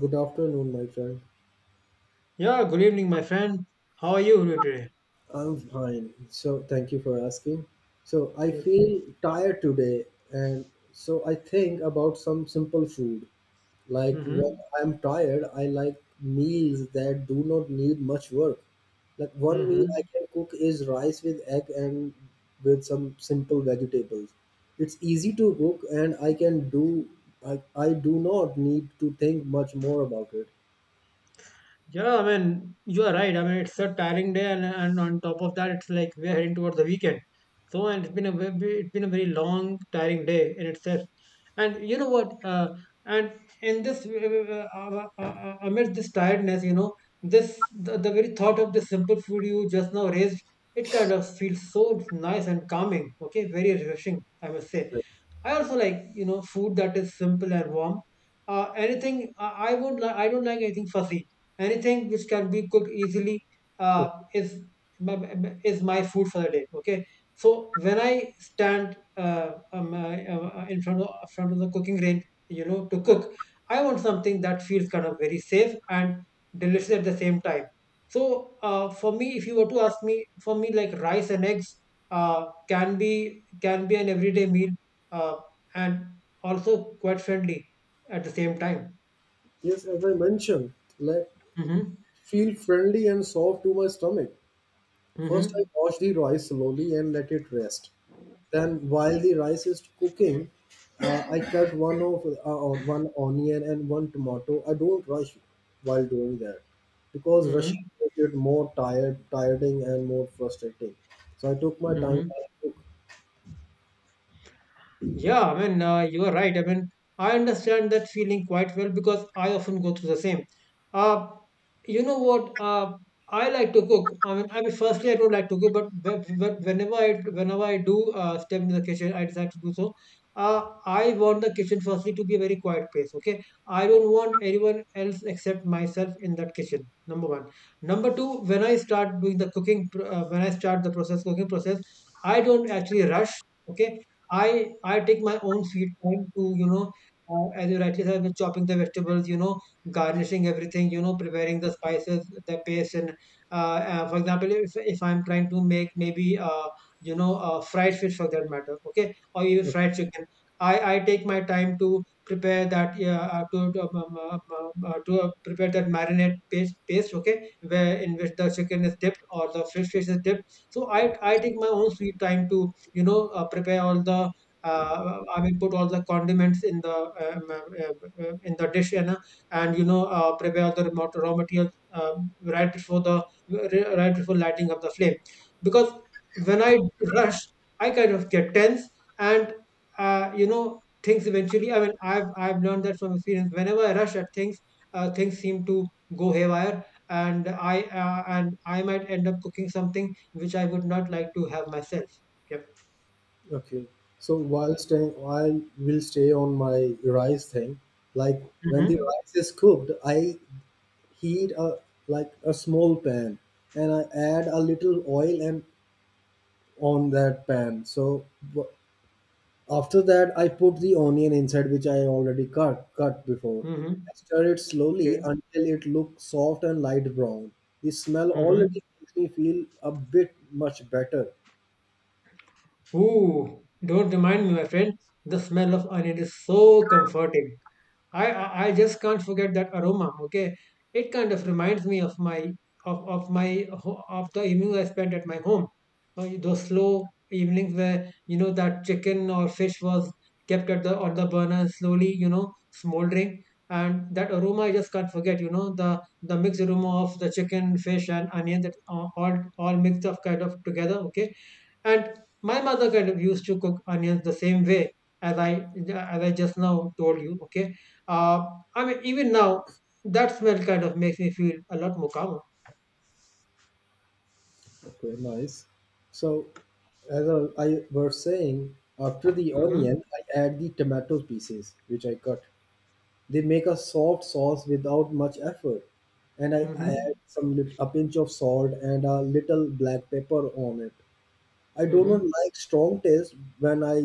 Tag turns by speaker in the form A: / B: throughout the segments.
A: Good afternoon, my friend.
B: Yeah, good evening, my friend. How are you doing today?
A: I'm fine. Thank you for asking. So, I
B: Yep.
A: feel tired today, and so I think about some simple food. Like when
B: Mm-hmm.
A: I'm tired, I like meals that do not need much work. Like one meal I
B: Mm-hmm.
A: can cook is rice with egg and with some simple vegetables. It's easy to cook, and I can do. I do not need to think much more about it.
B: Yeah, I mean, you are right. I mean, it's a tiring day, and on top of that, it's like we're heading towards the weekend. So, and it's been a it's been a very long, tiring day in itself. And you know what? And in this, amidst this tiredness, the very thought of the simple food you just now raised, it kind of feels so nice and calming. Okay, very refreshing, I must say. I also like food that is simple and warm. Anything I won't like. I don't like anything fussy, anything which can be cooked easily, uh, is is my food for the day. Okay, so when I stand, in front of the cooking range, to cook, I want something that feels kind of very safe and delicious at the same time. So, for me, if you were to ask me, for me, like rice and eggs can be an everyday meal, uh, and also quite friendly at the same time.
A: Yes, as I mentioned, like
B: Mm-hmm.
A: feel friendly and soft to my stomach. First, I
B: Mm-hmm.
A: wash the rice slowly and let it rest. Then, while the rice is cooking, I cut one onion and one tomato. I don't rush while doing that because rushing
B: Mm-hmm.
A: makes it tiring, and more frustrating. So I took my time
B: Mhm.
A: while I cook.
B: Yeah, I mean, you are right. I mean, I understand that feeling quite well because I often go through the same. Uh, you know what? I like to cook. Firstly, I don't like to cook, but whenever I do step into the kitchen, I decide to do so. I want the kitchen firstly to be a very quiet place. Okay, I don't want anyone else except myself in that kitchen. Number one. Number two, when I start doing the cooking, when I start the process cooking process, I don't actually rush. Okay, I take my own sweet time to, you know, as you rightly said, with chopping the vegetables, you know, garnishing everything, you know, preparing the spices, the paste, and, for example, if I'm trying to make maybe, fried fish for that matter, okay, or even
A: Okay.
B: fried chicken, I take my time to prepare that. Yeah, to prepare that marinade paste, okay, where in which the chicken is dipped or the fish is dipped. So I take my own sweet time to, you know, prepare all the, I mean, put all the condiments in the, in the dish, and, you know, prepare all the remote raw materials, right before the, right before lighting of the flame. Because when I rush, I kind of get tense, and, you know, things eventually, I mean, I've learned that from experience. Whenever I rush at things, things seem to go haywire, and I might end up cooking something which I would not like to have myself. Yep.
A: Okay. So, I will stay on my rice thing. Like when the
B: Mhm.
A: rice is cooked, I heat a small pan, and I add a little oil and on that pan. So w- after that, I put the onion inside, which I already cut before.
B: Mhm.
A: I stir it
B: Okay.
A: slowly until it looks soft and light brown. The smell
B: Mhm.
A: already makes me feel a bit much better.
B: Ooh, don't remind me, my friend. The smell of onion is so comforting. I just can't forget that aroma. Okay, it kind of reminds me of my, of my ho- of the evenings I spent at my home. Those slow evenings where, you know, that chicken or fish was kept at the burner slowly, you know, smoldering, and that aroma I just can't forget. You know, the mixed aroma of the chicken, fish, and onion that, all mixed up kind of together. Okay, and my mother kind of used to cook onions the same way as I just now told you. Okay, uh, I mean, even now that smell kind of makes me feel a lot more calmer.
A: Okay, nice. So, as I was saying, after the
B: Mm-hmm.
A: onion, I add the tomato pieces, which I cut. They make a soft sauce without much effort, and I add
B: Mm-hmm.
A: a pinch of salt and a little black pepper on it. I do
B: Mm-hmm.
A: not like strong taste when I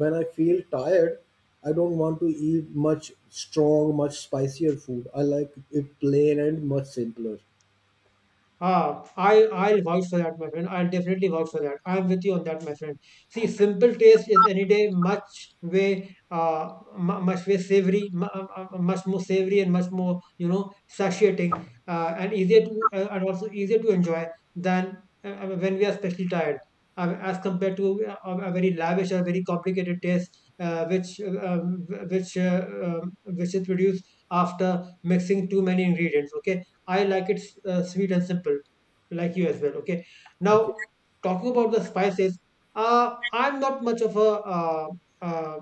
A: when I feel tired. I don't want to eat much strong, much spicier food. I like it plain and much simpler.
B: Ah, I'll vouch for that, my friend. I'll definitely vouch for that. I'm with you on that, my friend. See, simple taste is any day much way mu- much way savory, mu- much more savory and much more, you know, satiating, and also easier to enjoy than, when we are especially tired, as compared to, a very lavish or very complicated taste, which, which is produced after mixing too many ingredients. Okay, I like it sweet and simple, like you as well. Okay.
A: Okay.
B: Now, talking about the spices, I'm not much of a, uh, uh,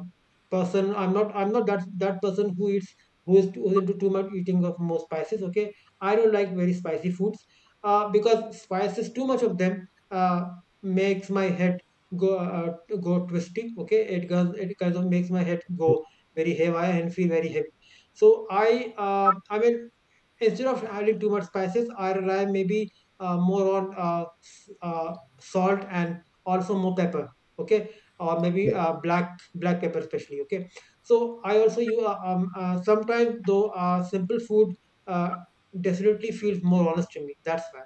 B: person. I'm not that person who eats, who is into too much eating of more spices. Okay. I don't like very spicy foods, because spices, too much of them, makes my head go, go twisty. Okay. It goes. It kind of makes my head go very heavy and feel very heavy. So instead of adding too much spices, I rely maybe, more on, salt and also more pepper. Okay, or maybe,
A: Okay.
B: black pepper especially. Okay, so I also you sometimes, though, simple food, uh, definitely feels more honest to me. That's why.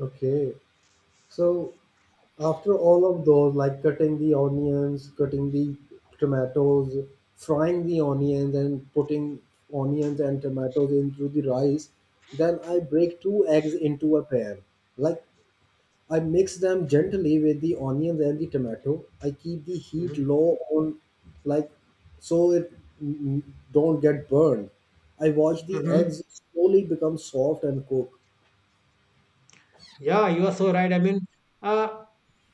A: Okay. So after all of those, like cutting the onions, cutting the tomatoes, frying the onions, and putting onions and tomatoes into the rice, then I break two eggs into a pan. Like, I mix them gently with the onions and the tomato. I keep the heat low on, like, so it mm, don't get burned. I watch the
B: Hmm.
A: eggs slowly become soft and cook.
B: Yeah, you are so right. I mean, uh,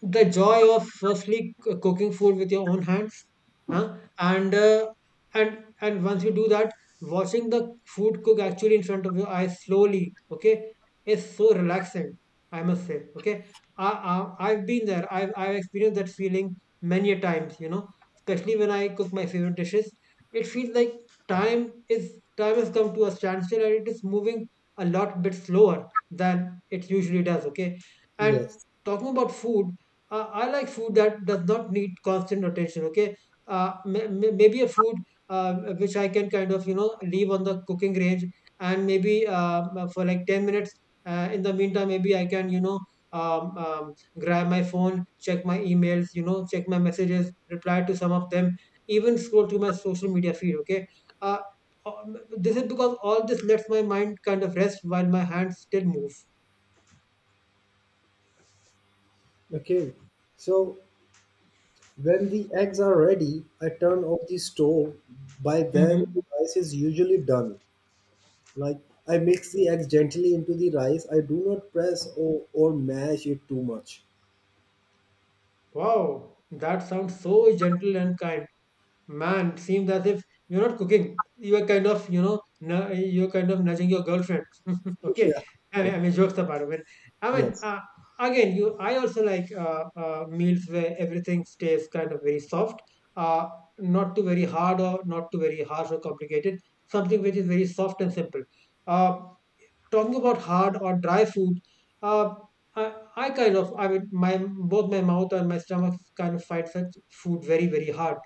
B: the joy of firstly cooking food with your own hands, huh? And, and once you do that, watching the food cook actually in front of your eyes slowly, okay, is so relaxing. I must say, okay. I've been there. I've experienced that feeling many a times. You know, especially when I cook my favorite dishes, it feels like time has come to a standstill and it is moving a lot bit slower than it usually does. Okay, and
A: Yes.
B: talking about food, I like food that does not need constant attention. Okay, maybe a food, uh, which I can kind of, you know, leave on the cooking range and maybe, for like 10 minutes. In the meantime, maybe I can, you know, um, um, grab my phone, check my emails, you know, check my messages, reply to some of them, even scroll through my social media feed. Okay, uh, this is because all this lets my mind kind of rest while my hands still move.
A: Okay. So when the eggs are ready, I turn off the stove. By then, the
B: Mhm.
A: rice is usually done. Like, I
B: Oh,
A: mix the eggs gently into the rice. I do not press or mash it too much.
B: wow, that sounds so gentle and kind. Man, seems as if you're not cooking. You are kind of, you know, you're kind of nudging your girlfriend. Okay,
A: Yeah.
B: jokes apart. I mean,
A: Yes.
B: uh, again, you. I also like, meals where everything stays kind of very soft, uh, not too very hard or not too very harsh or complicated. Something which is very soft and simple. Uh, Talking about hard or dry food, uh, I kind of, I mean, my both my mouth and my stomach kind of fight such food very, very hard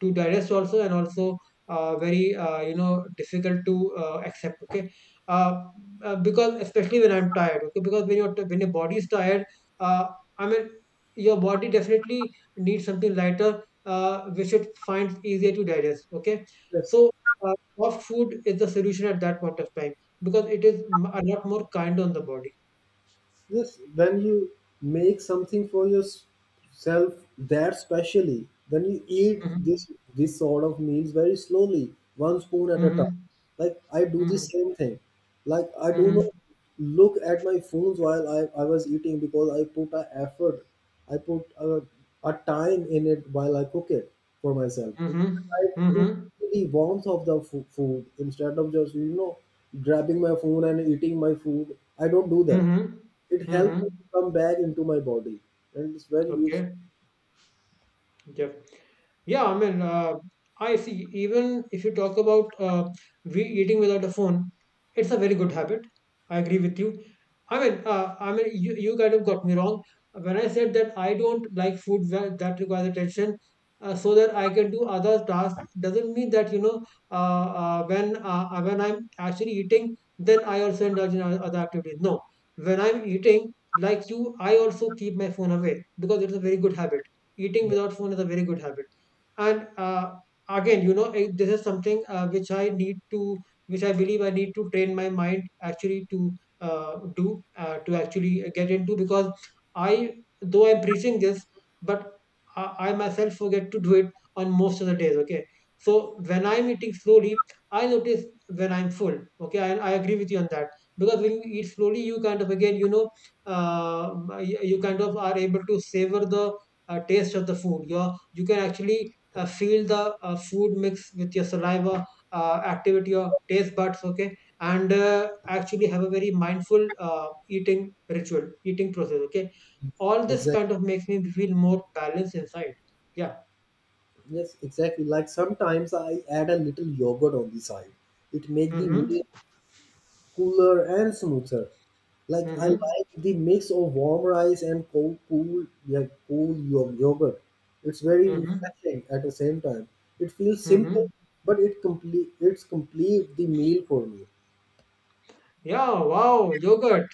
B: to digest also, and also, very, you know, difficult to, accept. Okay, uh, because especially when I'm tired. Okay, because when your body is tired, uh, I mean, your body definitely needs something lighter, which it finds easier to digest. Okay,
A: Yes.
B: so, uh, soft food is the solution at that point of time because it is m a lot more kind on the body.
A: Yes, when you make something for yourself that specially, then you eat
B: Mhm.
A: this sort of meals very slowly, one spoon at a time.
B: Mhm.
A: Like I do the
B: Mhm.
A: same thing. Like I do
B: Mhm.
A: not look at my phones while I was eating because I put a effort, I put a time in it while I cook it for myself.
B: Mhm.
A: I
B: Mhm.
A: to
B: Mhm.
A: feel the warmth of the food instead of just, you know, grabbing my phone and eating my food. I don't do that.
B: Mhm.
A: It helped
B: Mhm.
A: me to come back into my body, and it's very useful.
B: Okay. Yep. Yeah, I mean, I see. Even if you talk about, we eating without a phone, it's a very good habit. I agree with you. You, you kind of got me wrong when I said that I don't like food that, that requires attention, so that I can do other tasks. Doesn't mean that, you know, when I'm actually eating, then I also indulge in other activities. No, when I'm eating, like you, I also keep my phone away because it's a very good habit. Eating
A: Yeah,
B: without phone is a very good habit, and, again, you know it, this is something, which I need to, which I believe I need to train my mind actually to, do to actually get into. Because I, though I'm preaching this, but I myself forget to do it on most of the days. Okay, so when I'm eating slowly, I notice when I'm full. Okay, I agree with you on that, because when you eat slowly, you kind of, again, you know, uh, you kind of are able to savor the, taste of the food. You can actually, feel the, food mix with your saliva, activate your taste buds, okay, and, actually have a very mindful, eating ritual, eating process, okay. All this
A: exactly.
B: kind of makes me feel more balanced inside. Yeah.
A: Yes, exactly. Like sometimes I add a little yogurt on the side. It make the
B: Mm-hmm.
A: meal cooler and smoother. Like I
B: Mm-hmm.
A: like the mix of warm rice and cold cool, yeah, cool yogurt. It's very
B: Mm-hmm.
A: refreshing at the same time. It feels simple,
B: Mm-hmm.
A: but it's complete the meal for me.
B: Yeah. Wow. Yogurt.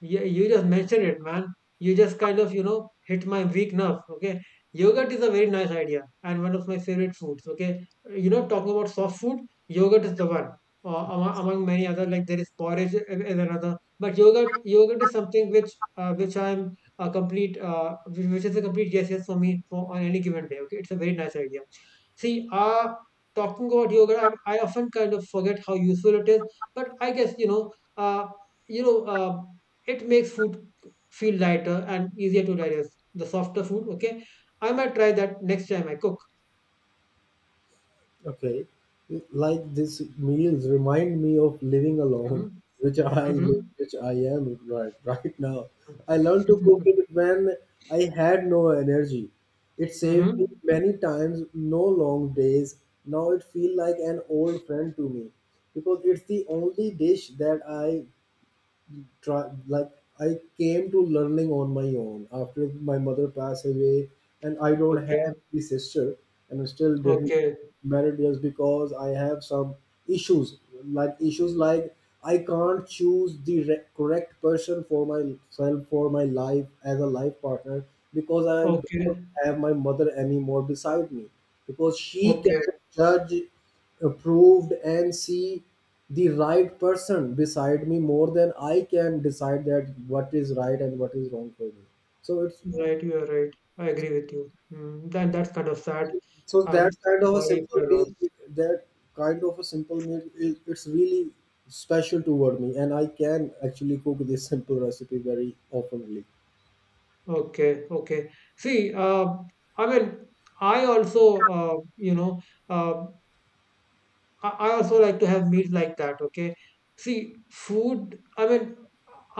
B: Yeah, you just mentioned it, man. You just kind of, hit my weak nerve. Okay. Yogurt is a very nice idea and one of my favorite foods. Okay. Talking about soft food, yogurt is the one. Among many other, like there is porridge is another, but yogurt is something which I'm a complete, whi- which is a complete yes, yes for me for on any given day. Okay, it's a very nice idea. See, talking about yoga, I often kind of forget how useful it is, but I guess you know, uh, it makes food feel lighter and easier to digest. The softer food, okay. I might try that next time I cook.
A: Okay. Like these meals remind me of living alone,
B: Mm-hmm.
A: which I
B: Mm-hmm.
A: live, which I am right now. I learned to cook it when I had no energy. It saved me
B: Mm-hmm.
A: many times, no long days. Now it feels like an old friend to me because it's the only dish that I try, like, I came to learning on my own after my mother passed away, and I don't have
B: Okay.
A: the sister, and I still didn't get
B: Okay.
A: married just because I have some issues, like issues like I can't choose the correct person for myself for my life as a life partner because I don't
B: Okay.
A: have my mother anymore beside me because she can
B: Okay.
A: judge, approved, and see the right person beside me more than I can decide that what is right and what is wrong for me. So it's,
B: Right. You are right. I agree with you. Then that's kind of sad.
A: so
B: I'm
A: that kind
B: I'm
A: of a
B: sorry for
A: simple
B: your
A: meal,
B: loss.
A: that kind of a simple meal, is, it's really special toward me, and I can actually cook this simple recipe very openly.
B: Okay, okay. See, I mean, I also, uh, I also like to have meals like that. Okay. See, food. I mean,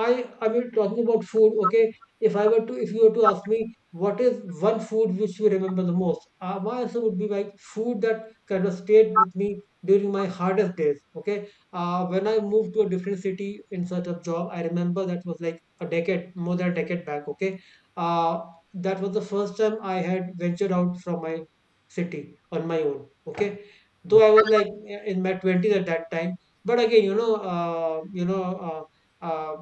B: I mean talking about food, okay. If you were to ask me what is one food which you remember the most, my answer would be like food that kind of stayed with me during my hardest days. Okay. When I moved to a different city in search of job, I remember that was like a decade, more than a decade back. Okay. Uh, that was the first time I had ventured out from my city on my own. Okay.
A: Okay,
B: Though I was like in my twenties at that time, but again, you know, you know. Uh,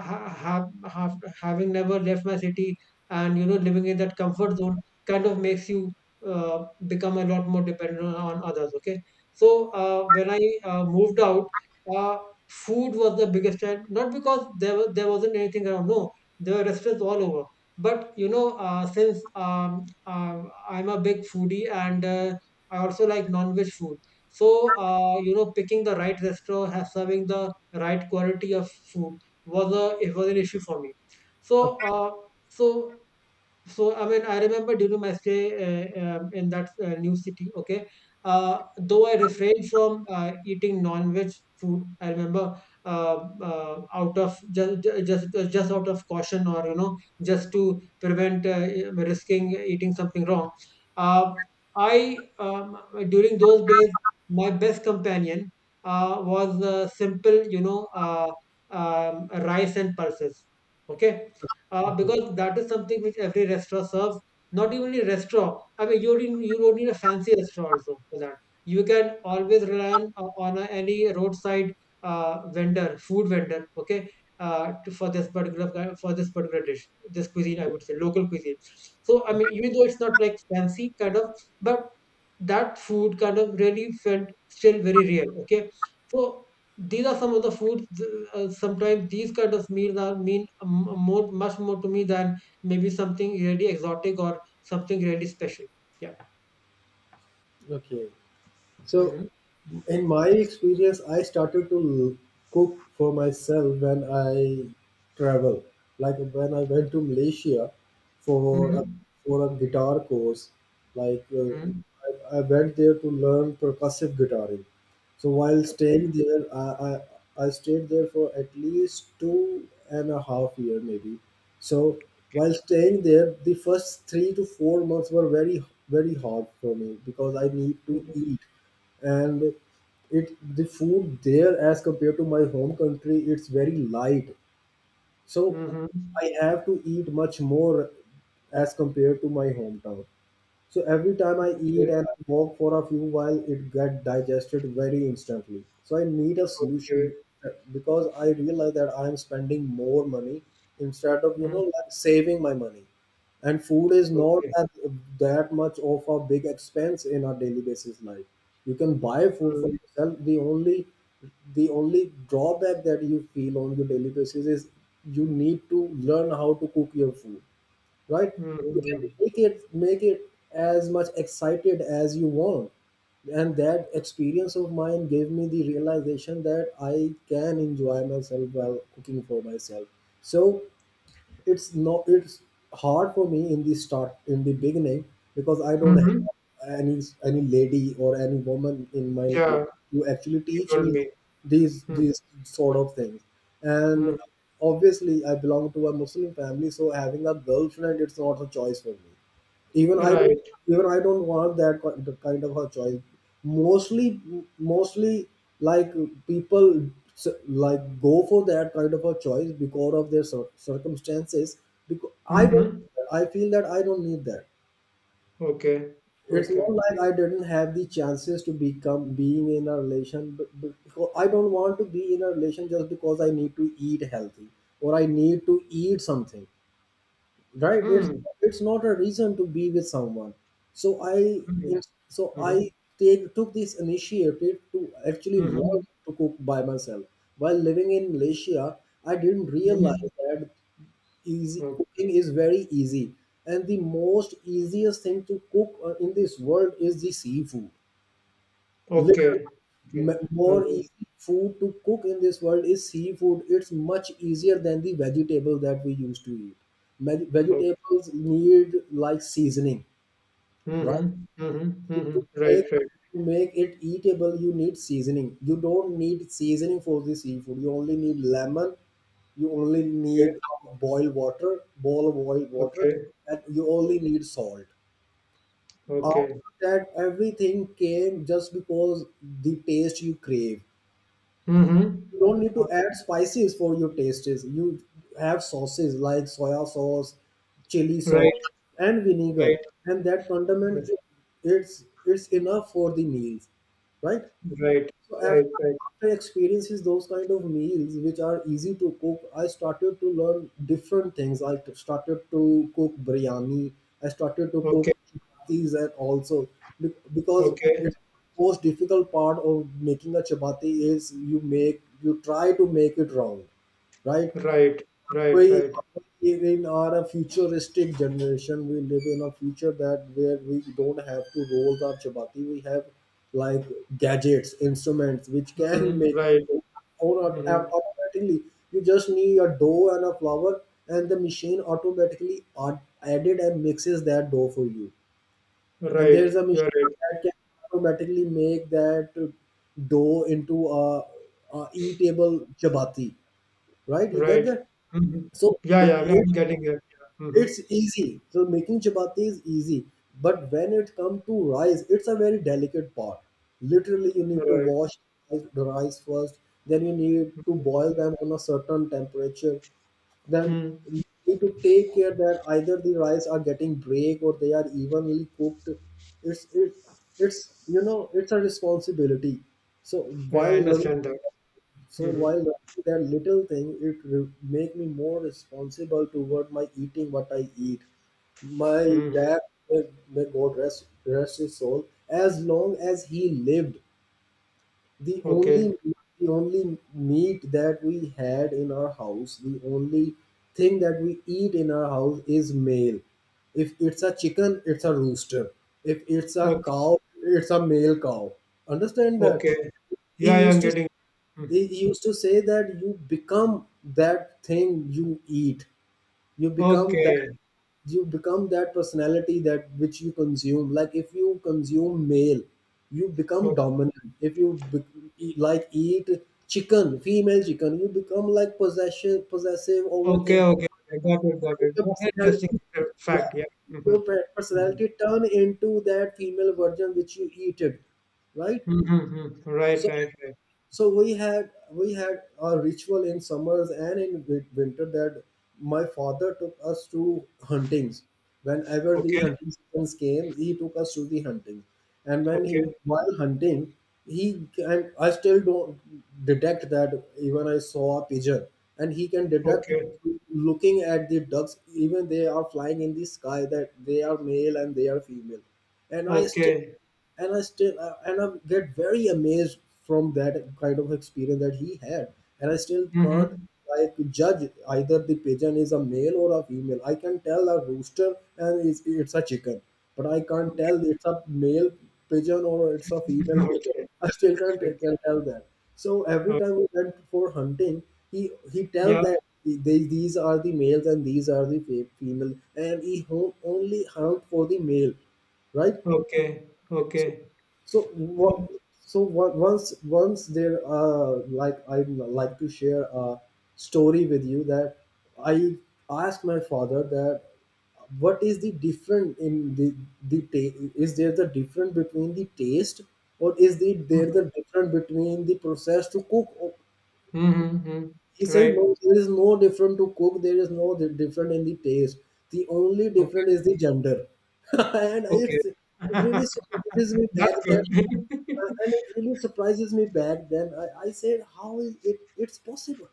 B: ha- ha- having never left my city and living in that comfort zone kind of makes you uh, become a lot more dependent on others, okay. So when I moved out, uh, food was the biggest challenge, not because there wasn't anything around. No, there were restaurants all over, but since uh, I'm a big foodie and I also like non-veg food. So you know, picking the right restaurant has serving the right quality of food was a it was an issue for me. So uh so so I mean, I remember during my stay in that new city. Okay, though I refrained from eating non-veg food, I remember out of just out of caution or just to prevent risking eating something wrong. Uh, I During those days, my best companion was simple, rice and pulses. Okay,
A: okay,
B: because that is something which every restaurant serves. Not even a restaurant. I mean, you don't need a fancy restaurant also for that. You can always rely on any roadside vendor, food vendor, okay, for this particular for this particular dish, this cuisine, I would say, local cuisine. So I mean,
A: okay,
B: even though it's not like fancy kind of, but that food kind of really felt still very real, okay. So these are some of the foods, sometimes these kind of meals are more, much more to me than maybe something really exotic or something really special, yeah.
A: okay. So,
B: Mm-hmm.
A: in my experience, I started to cook for myself when I travel. Like when I went to Malaysia for a,
B: Mm-hmm.
A: for a guitar course, like
B: Mm-hmm.
A: I went there to learn percussive guitaring. So while staying
B: Okay,
A: there, I stayed there for at least 2.5 years maybe. So
B: okay.
A: while staying there, the first 3 to 4 months were very very hard for me because I need to
B: Mm-hmm.
A: eat, and it, the food there as compared to my home country it's very light, so
B: Mm-hmm,
A: I have to eat much more as compared to my hometown. So every time I eat
B: okay,
A: and I walk for a few while, it get digested very instantly. So I need a
B: okay.
A: solution, because I realize that I am spending more money instead of, you know,
B: Mm-hmm.
A: like saving my money. And food is not
B: Okay.
A: that, that much of a big expense in our daily basis life. You can buy food for
B: Mm-hmm.
A: yourself. The only drawback that you feel on your daily basis is you need to learn how to cook your food, right? You can
B: Mm-hmm.
A: make it as much excited as you want. And that experience of mine gave me the realization that I can enjoy myself while cooking for myself. So it's no, it's hard for me in the start, in the beginning, because I don't
B: Mm-hmm,
A: have any lady or any woman in my life
B: yeah,
A: who actually
B: you
A: teach
B: told
A: me
B: me.
A: these
B: Mm-hmm.
A: these sort of things. And
B: Mm-hmm,
A: obviously I belong to a Muslim family, so having a girlfriend, it's not a choice for me. even i don't
B: right.
A: Even I don't want that the kind of a choice. mostly Mostly, like, people like go for that kind of a choice because of their circumstances. Because I don't,
B: Mm-hmm.
A: I feel that I don't need that.
B: Okay,
A: It's
B: okay.
A: not like I didn't have the chances to become being in a relation, but because I don't want to be in a relation just because I need to eat healthy or I need to eat something, right? it's
B: Mm-hmm.
A: it's not a reason to be with someone. so i
B: Mm-hmm.
A: so
B: Mm-hmm.
A: I take took this initiative to actually learn
B: Mhm.
A: to cook by myself while living in Malaysia. I didn't
B: Mhm.
A: realize that easy
B: O
A: cooking is very easy, and the most easiest thing to cook, in this world is the seafood. Little
B: Okay. Okay.
A: m- more
B: Mhm.
A: easy food to cook in this world is seafood. It's much easier than the vegetable that we used to eat.
B: O
A: Vegetables need like seasoning, right?
B: Mhm. Mhm.
A: to
B: Mhm. Right,
A: make
B: right.
A: to make it eatable you need seasoning. You don't need seasoning for the seafood. You only need lemon, you only need
B: Okay.
A: boil water, bowl of boiled water,
B: Okay.
A: and you only need salt. After
B: Okay.
A: that, everything came just because the taste you crave, you
B: Mhm.
A: don't need
B: O
A: to add spices for your tastes. You have sauces like soya sauce, chili sauce,
B: Right,
A: and
B: right,
A: vinegar, and that condiment,
B: right,
A: it's enough for the meals, right?
B: right,
A: So
B: right, right.
A: after experiences those kind of meals which are easy to cook, I started to learn different things. I started to cook biryani. I started to
B: Okay.
A: cook chapatis, and also because
B: Okay.
A: it's most difficult part of making a chapati is you make you try to make it wrong, right?
B: Right. Right,
A: We
B: right.
A: live in our futuristic generation. We live in a future that where we don't have to roll our chapati. We have, like, gadgets, instruments which can
B: Mhm.
A: make,
B: Right.
A: or
B: Mhm.
A: automatically, you just need a dough and a flour, and the machine automatically added and mixes that dough for you, and
B: Right.
A: there's a
B: You're
A: machine
B: right.
A: that can automatically make that dough into a eatable chapati, right? You get
B: Right.
A: that?
B: Mhm.
A: So
B: Yeah, yeah.
A: it,
B: I'm getting it. Yeah. Mhm.
A: it's easy. So making chapati is easy, but when it comes to rice, it's a very delicate part. Literally, you need to
B: Right.
A: wash the rice first. Then you need to boil them on a certain temperature. Then you
B: Mm.
A: need to take care that either the rice are getting break or they are evenly cooked. It's it, it's, you know, it's a responsibility. So
B: Yeah, I
A: while learning,
B: understand that.
A: so while
B: Mhm.
A: writing that little thing, it make me more responsible toward my eating, what I eat. My
B: Mhm.
A: dad, may God rest his soul, as long as he lived, the
B: Okay.
A: only the only meat that we had in our house, the only thing that we eat in our house is male. If it's a chicken, it's a rooster. If it's a
B: Okay.
A: cow, it's a male cow. Understand that?
B: Okay. Yeah,
A: he
B: yeah,
A: used
B: I'm
A: to
B: getting. Mm.
A: he used to say that you become that thing you eat. You become that,
B: Okay.
A: you become that personality that which you consume. Like if you consume male, you become
B: O-
A: dominant. If you be, eat- like eat chicken, female chicken, you become like possession, possessive,
B: Okay,
A: overthink
B: okay. Okay. Got it, got it.
A: your
B: That's interesting
A: personality. Yeah,
B: fact. Yeah. Mm-hmm.
A: your
B: Mm-hmm.
A: personality turn into that female version which you eat it, right?
B: Mm-hmm. Right,
A: so
B: right, right.
A: so we had a ritual in summers and in winter that my father took us to huntings. Whenever the
B: Okay,
A: hunting seasons came, he took us to the hunting. And when he,
B: okay,
A: while hunting, he, and I still don't detect that. Even I saw a pigeon, and he can deduct,
B: okay,
A: looking at the ducks even they are flying in the sky, that they are male and they are female. and i still
B: okay.
A: and I still and I get very amazed from that kind of experience that he had, and I still can't
B: Mm-hmm.
A: like judge either the pigeon is a male or a female. I can tell a rooster and it's a chicken, but I can't
B: Okay,
A: tell it's a male pigeon or it's a female pigeon.
B: okay,
A: I still can't tell,
B: okay.
A: can tell that. So every
B: Uh,
A: time we went for hunting, he tells
B: yeah,
A: that these are the males and these are the female, and he only hunt for the male, right?
B: okay,
A: So
B: okay.
A: so what? So what? Once there, like I like to share a story with you that I asked my father that what is the different in the is there the difference between the taste, or is there
B: Mm-hmm.
A: the difference between the process to cook?
B: Mm-hmm.
A: He said,
B: Right,
A: no, there is no different to cook. There is no different in the taste. The only
B: okay,
A: different is the gender. and
B: okay.
A: it's, it really surprises me back
B: That's
A: that,
B: good.
A: and it really surprises me back then. I said, how is it's possible?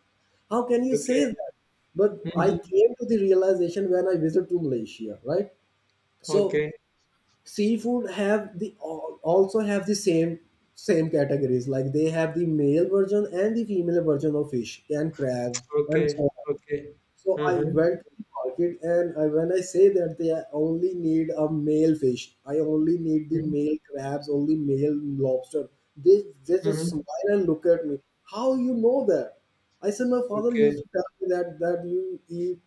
A: How can you say
B: Okay.
A: that? But I
B: Mm-hmm.
A: came to the realization when I visited to Malaysia, right? So
B: Okay.
A: seafood have the also have the same same categories, like they have the male version and the female version of fish and crabs and so
B: Okay,
A: on.
B: okay.
A: So I
B: Uh-huh.
A: went to the market when I say that they only need a male fish, I only need the
B: Mhm,
A: male crabs, only male lobster. They just
B: mhm.
A: smile and look at me. How you know that? I said my father
B: Okay.
A: used to tell me that that you eat,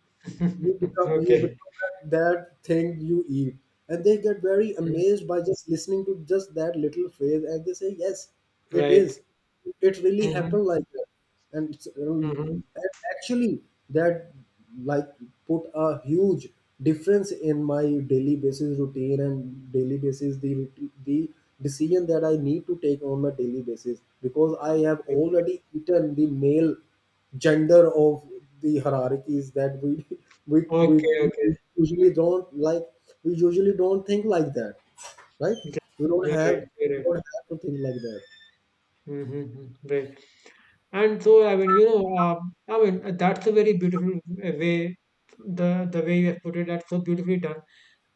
A: you become, you
B: Okay.
A: become that, that thing you eat, and they get very
B: Mhm.
A: amazed by just listening to just that little phrase, and they say yes, it is.
B: Right.
A: It really
B: Mhm,
A: happened like that, and it's
B: mhm.
A: actually that, like, put a huge difference in my daily basis routine and daily basis the decision that I need to take on my daily basis, because I have
B: Okay.
A: already eaten the male gender of the hierarchies that we we, we
B: Okay, okay.
A: usually don't like, we usually don't think like that, right?
B: Okay.
A: we don't
B: You're
A: have
B: right. You're
A: we
B: right.
A: don't have to think like that.
B: Mm-hmm. Right. And so, I mean, I mean, that's a very beautiful way, the way you have put it, that's so beautifully done.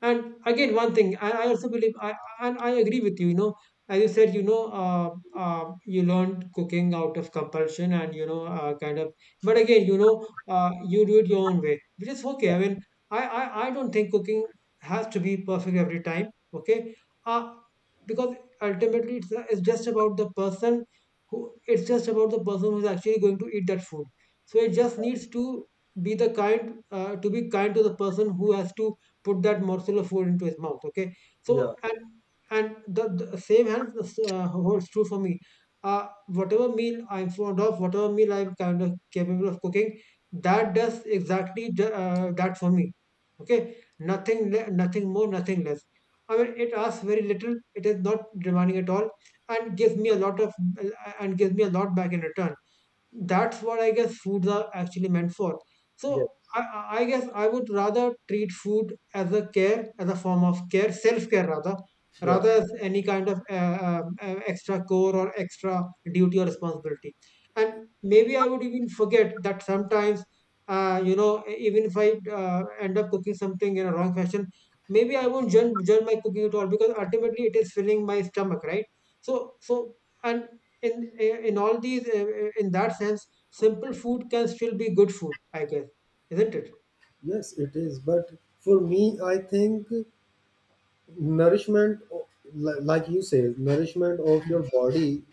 B: And again, one thing, I, and I agree with you, you know, as you said, you learned cooking out of compulsion and, kind of, but again, you do it your own way, which is okay.
A: Yeah,
B: I mean, I don't think cooking has to be perfect every time, okay? Uh, because ultimately, it's just about the person it's just about the person who's actually going to eat that food. So it just needs to be to be kind to the person who has to put that morsel of food into his mouth, okay.
A: yeah,
B: So and and the same hand holds true for me, uh, whatever meal I'm fond of, whatever meal I'm kind of capable of cooking, that does exactly that for me, okay. Nothing more, nothing less. I mean, it asks very little, it is not demanding at all, and gives me a lot of and gives me a lot back in return. That's what I guess foods are actually meant for.
A: yeah,
B: So I guess I would rather treat food as a care, as a form of care, self-care rather,
A: yeah.
B: rather as any kind of extra core or extra duty or responsibility. And maybe I would even forget that sometimes, you know, even if I end up cooking something in a wrong fashion, maybe I won't judge my cooking at all because ultimately it is filling my stomach, right? So, so and in in all these in that sense, simple food can still be good food, I guess, isn't it?
A: Yes, it is. But for me, I think nourishment, like you say, nourishment of your
B: Mm-hmm.
A: body,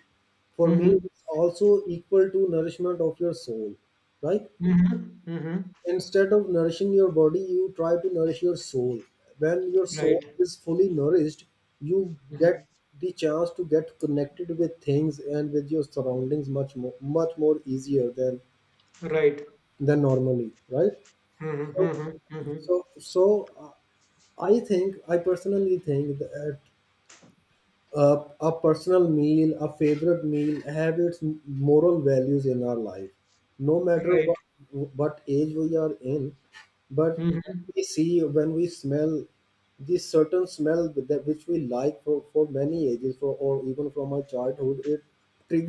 A: for me,
B: Mm-hmm.
A: it's also equal to nourishment of your soul, right?
B: Mm-hmm.
A: Instead of nourishing your body, you try to nourish your soul. When your soul
B: Right.
A: is fully nourished, you get
B: Mm-hmm.
A: the chance to get connected with things and with your surroundings much more, much more easier
B: Right.
A: than normally, right?
B: Mm-hmm.
A: So,
B: Mm-hmm. Mm-hmm.
A: so I think, I personally think that a personal meal, a favorite meal, have its moral values in our life. No matter
B: Right.
A: what age we are in, but when
B: Mm-hmm.
A: we see, when we smell this certain smell that which we like for many ages for or even from our childhood, it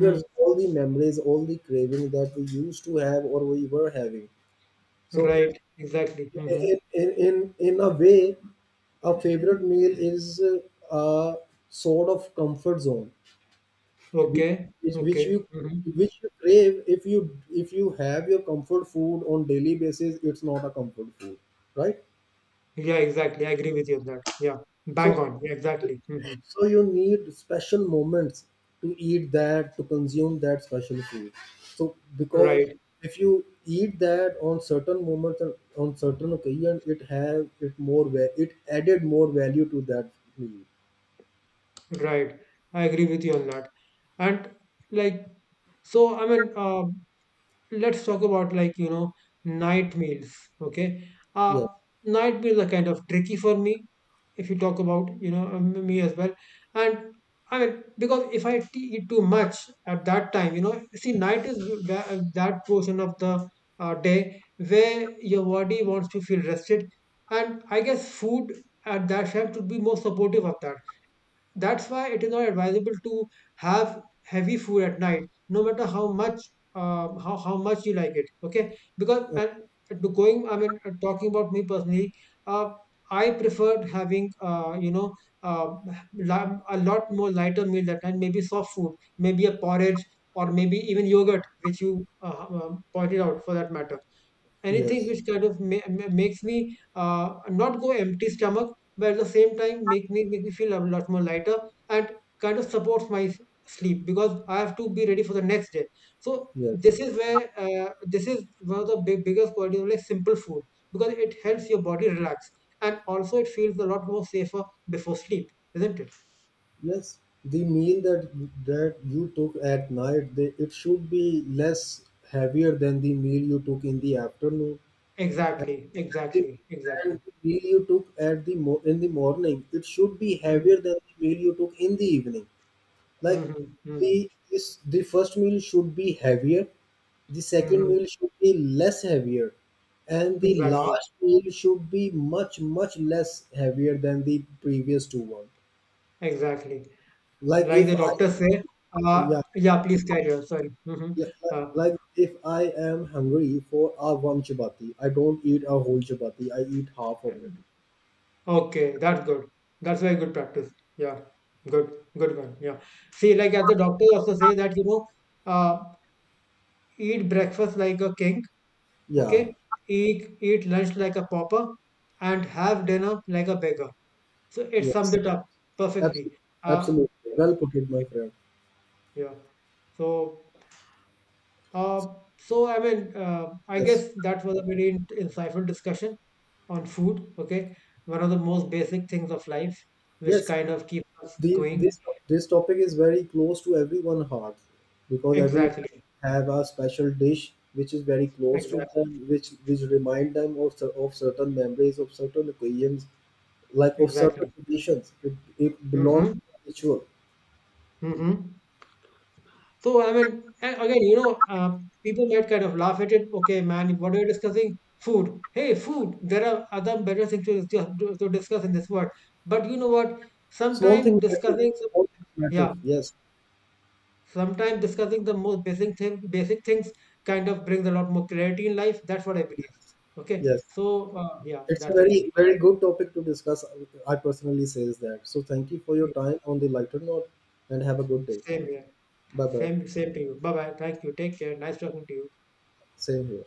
B: Mm-hmm.
A: all the memories, all the craving that we used to have or we were having. So
B: Right, exactly. Mm-hmm.
A: in a way, a favorite meal is a sort of comfort zone, which
B: Okay,
A: which
B: okay.
A: you,
B: Mm-hmm.
A: which you crave. If you, if you have your comfort food on daily basis, it's not a comfort food, right?
B: Yeah, exactly, I agree with you on that, yeah. Bang
A: So
B: on, yeah, exactly. Mm-hmm.
A: So you need special moments to eat that, to consume that special food. So because
B: Right,
A: if you eat that on certain moments and on certain occasion, it have it more it added more value to that meal.
B: right, I agree with you on that. And like, so I mean, let's talk about, night meals, okay. uh
A: Yes,
B: Night meals are kind of tricky for me if you talk about me as well. And I mean, because if eat too much at that time, you know, see, night is that portion of the day where your body wants to feel rested, and I guess food at that time should be more supportive of that. That's why it is not advisable to have heavy food at night, no matter how much how much you like it. Okay, because
A: uh,
B: and to going, I mean, talking about me personally, uh, I preferred having uh, a lot more lighter meal that night, maybe soft food, maybe a porridge, or maybe even yogurt, which you pointed out for that matter, anything
A: yes,
B: which kind of makes me not go empty stomach, but at the same time make me feel a lot more lighter and kind of supports my sleep, because I have to be ready for the next day. So
A: yes,
B: this is where, this is one of the biggest qualities of like simple food, because it helps your body relax, and also it feels a lot more safer before sleep, isn't it?
A: yes. The meal that you took at night, they, it should be less heavier than the meal you took in the afternoon.
B: Exactly,
A: The
B: exactly,
A: than
B: exactly.
A: the meal you took at the in the morning, it should be
B: Hmm.
A: heavier than the meal you took in the evening. Like
B: Hmm. Hmm.
A: the this, the first meal should be heavier, the second meal
B: Hmm.
A: should be less heavier, and the
B: Exactly,
A: last meal should be much much less heavier than the previous two one.
B: exactly.
A: like
B: Like
A: if
B: the
A: i
B: doctor say,
A: yeah
B: yeah, please carry on. Sorry. Hmm. Uh,
A: like if I am hungry for a one chapati, I don't eat a whole chapati, I eat half of it.
B: okay, that's good. That's very good practice. Yeah, good, good one. Yeah. See, like as the doctor also say that, you know, uh, eat breakfast like a king. Okay,
A: Yeah,
B: eat lunch like a pauper, and have dinner like a beggar. So it sums
A: yes.
B: it up perfectly.
A: Absolutely, absolutely.
B: Yeah,
A: Well put it, my friend.
B: yeah. So. Uh, so, I mean, I
A: Yes,
B: guess that was a very insightful discussion on food. Okay. One of the most basic things of life, which
A: yes.
B: kind of keeps us
A: The,
B: going.
A: this topic is very close to everyone's heart because everyone
B: Exactly.
A: have a special dish which is very close to
B: Exactly.
A: them, which remind them of of certain memories, of certain occasions, like of certain
B: Exactly.
A: traditions. It belongs
B: Mm-hmm.
A: to the ritual.
B: Mm-hmm. So, I mean, again, people might kind of laugh at it. Okay, man, what are you discussing? Food. Hey, food. There are other better things to, to discuss in this world. But you know what?
A: Small things
B: Sometimes
A: matter.
B: discussing, some,
A: Small things matter.
B: yeah.
A: Yes,
B: Sometimes discussing the most basic thing, basic things kind of brings a lot more clarity in life. That's what I believe.
A: yes,
B: Okay.
A: yes.
B: So yeah,
A: It's a
B: that's the thing.
A: very, very good topic to discuss, I personally says that. So thank you for your
B: Yeah.
A: time on the lighter note and have a good day.
B: Same here.
A: Bye bye.
B: Same, same to you. Bye bye. Thank you. Take care. Nice talking to you.
A: Same here.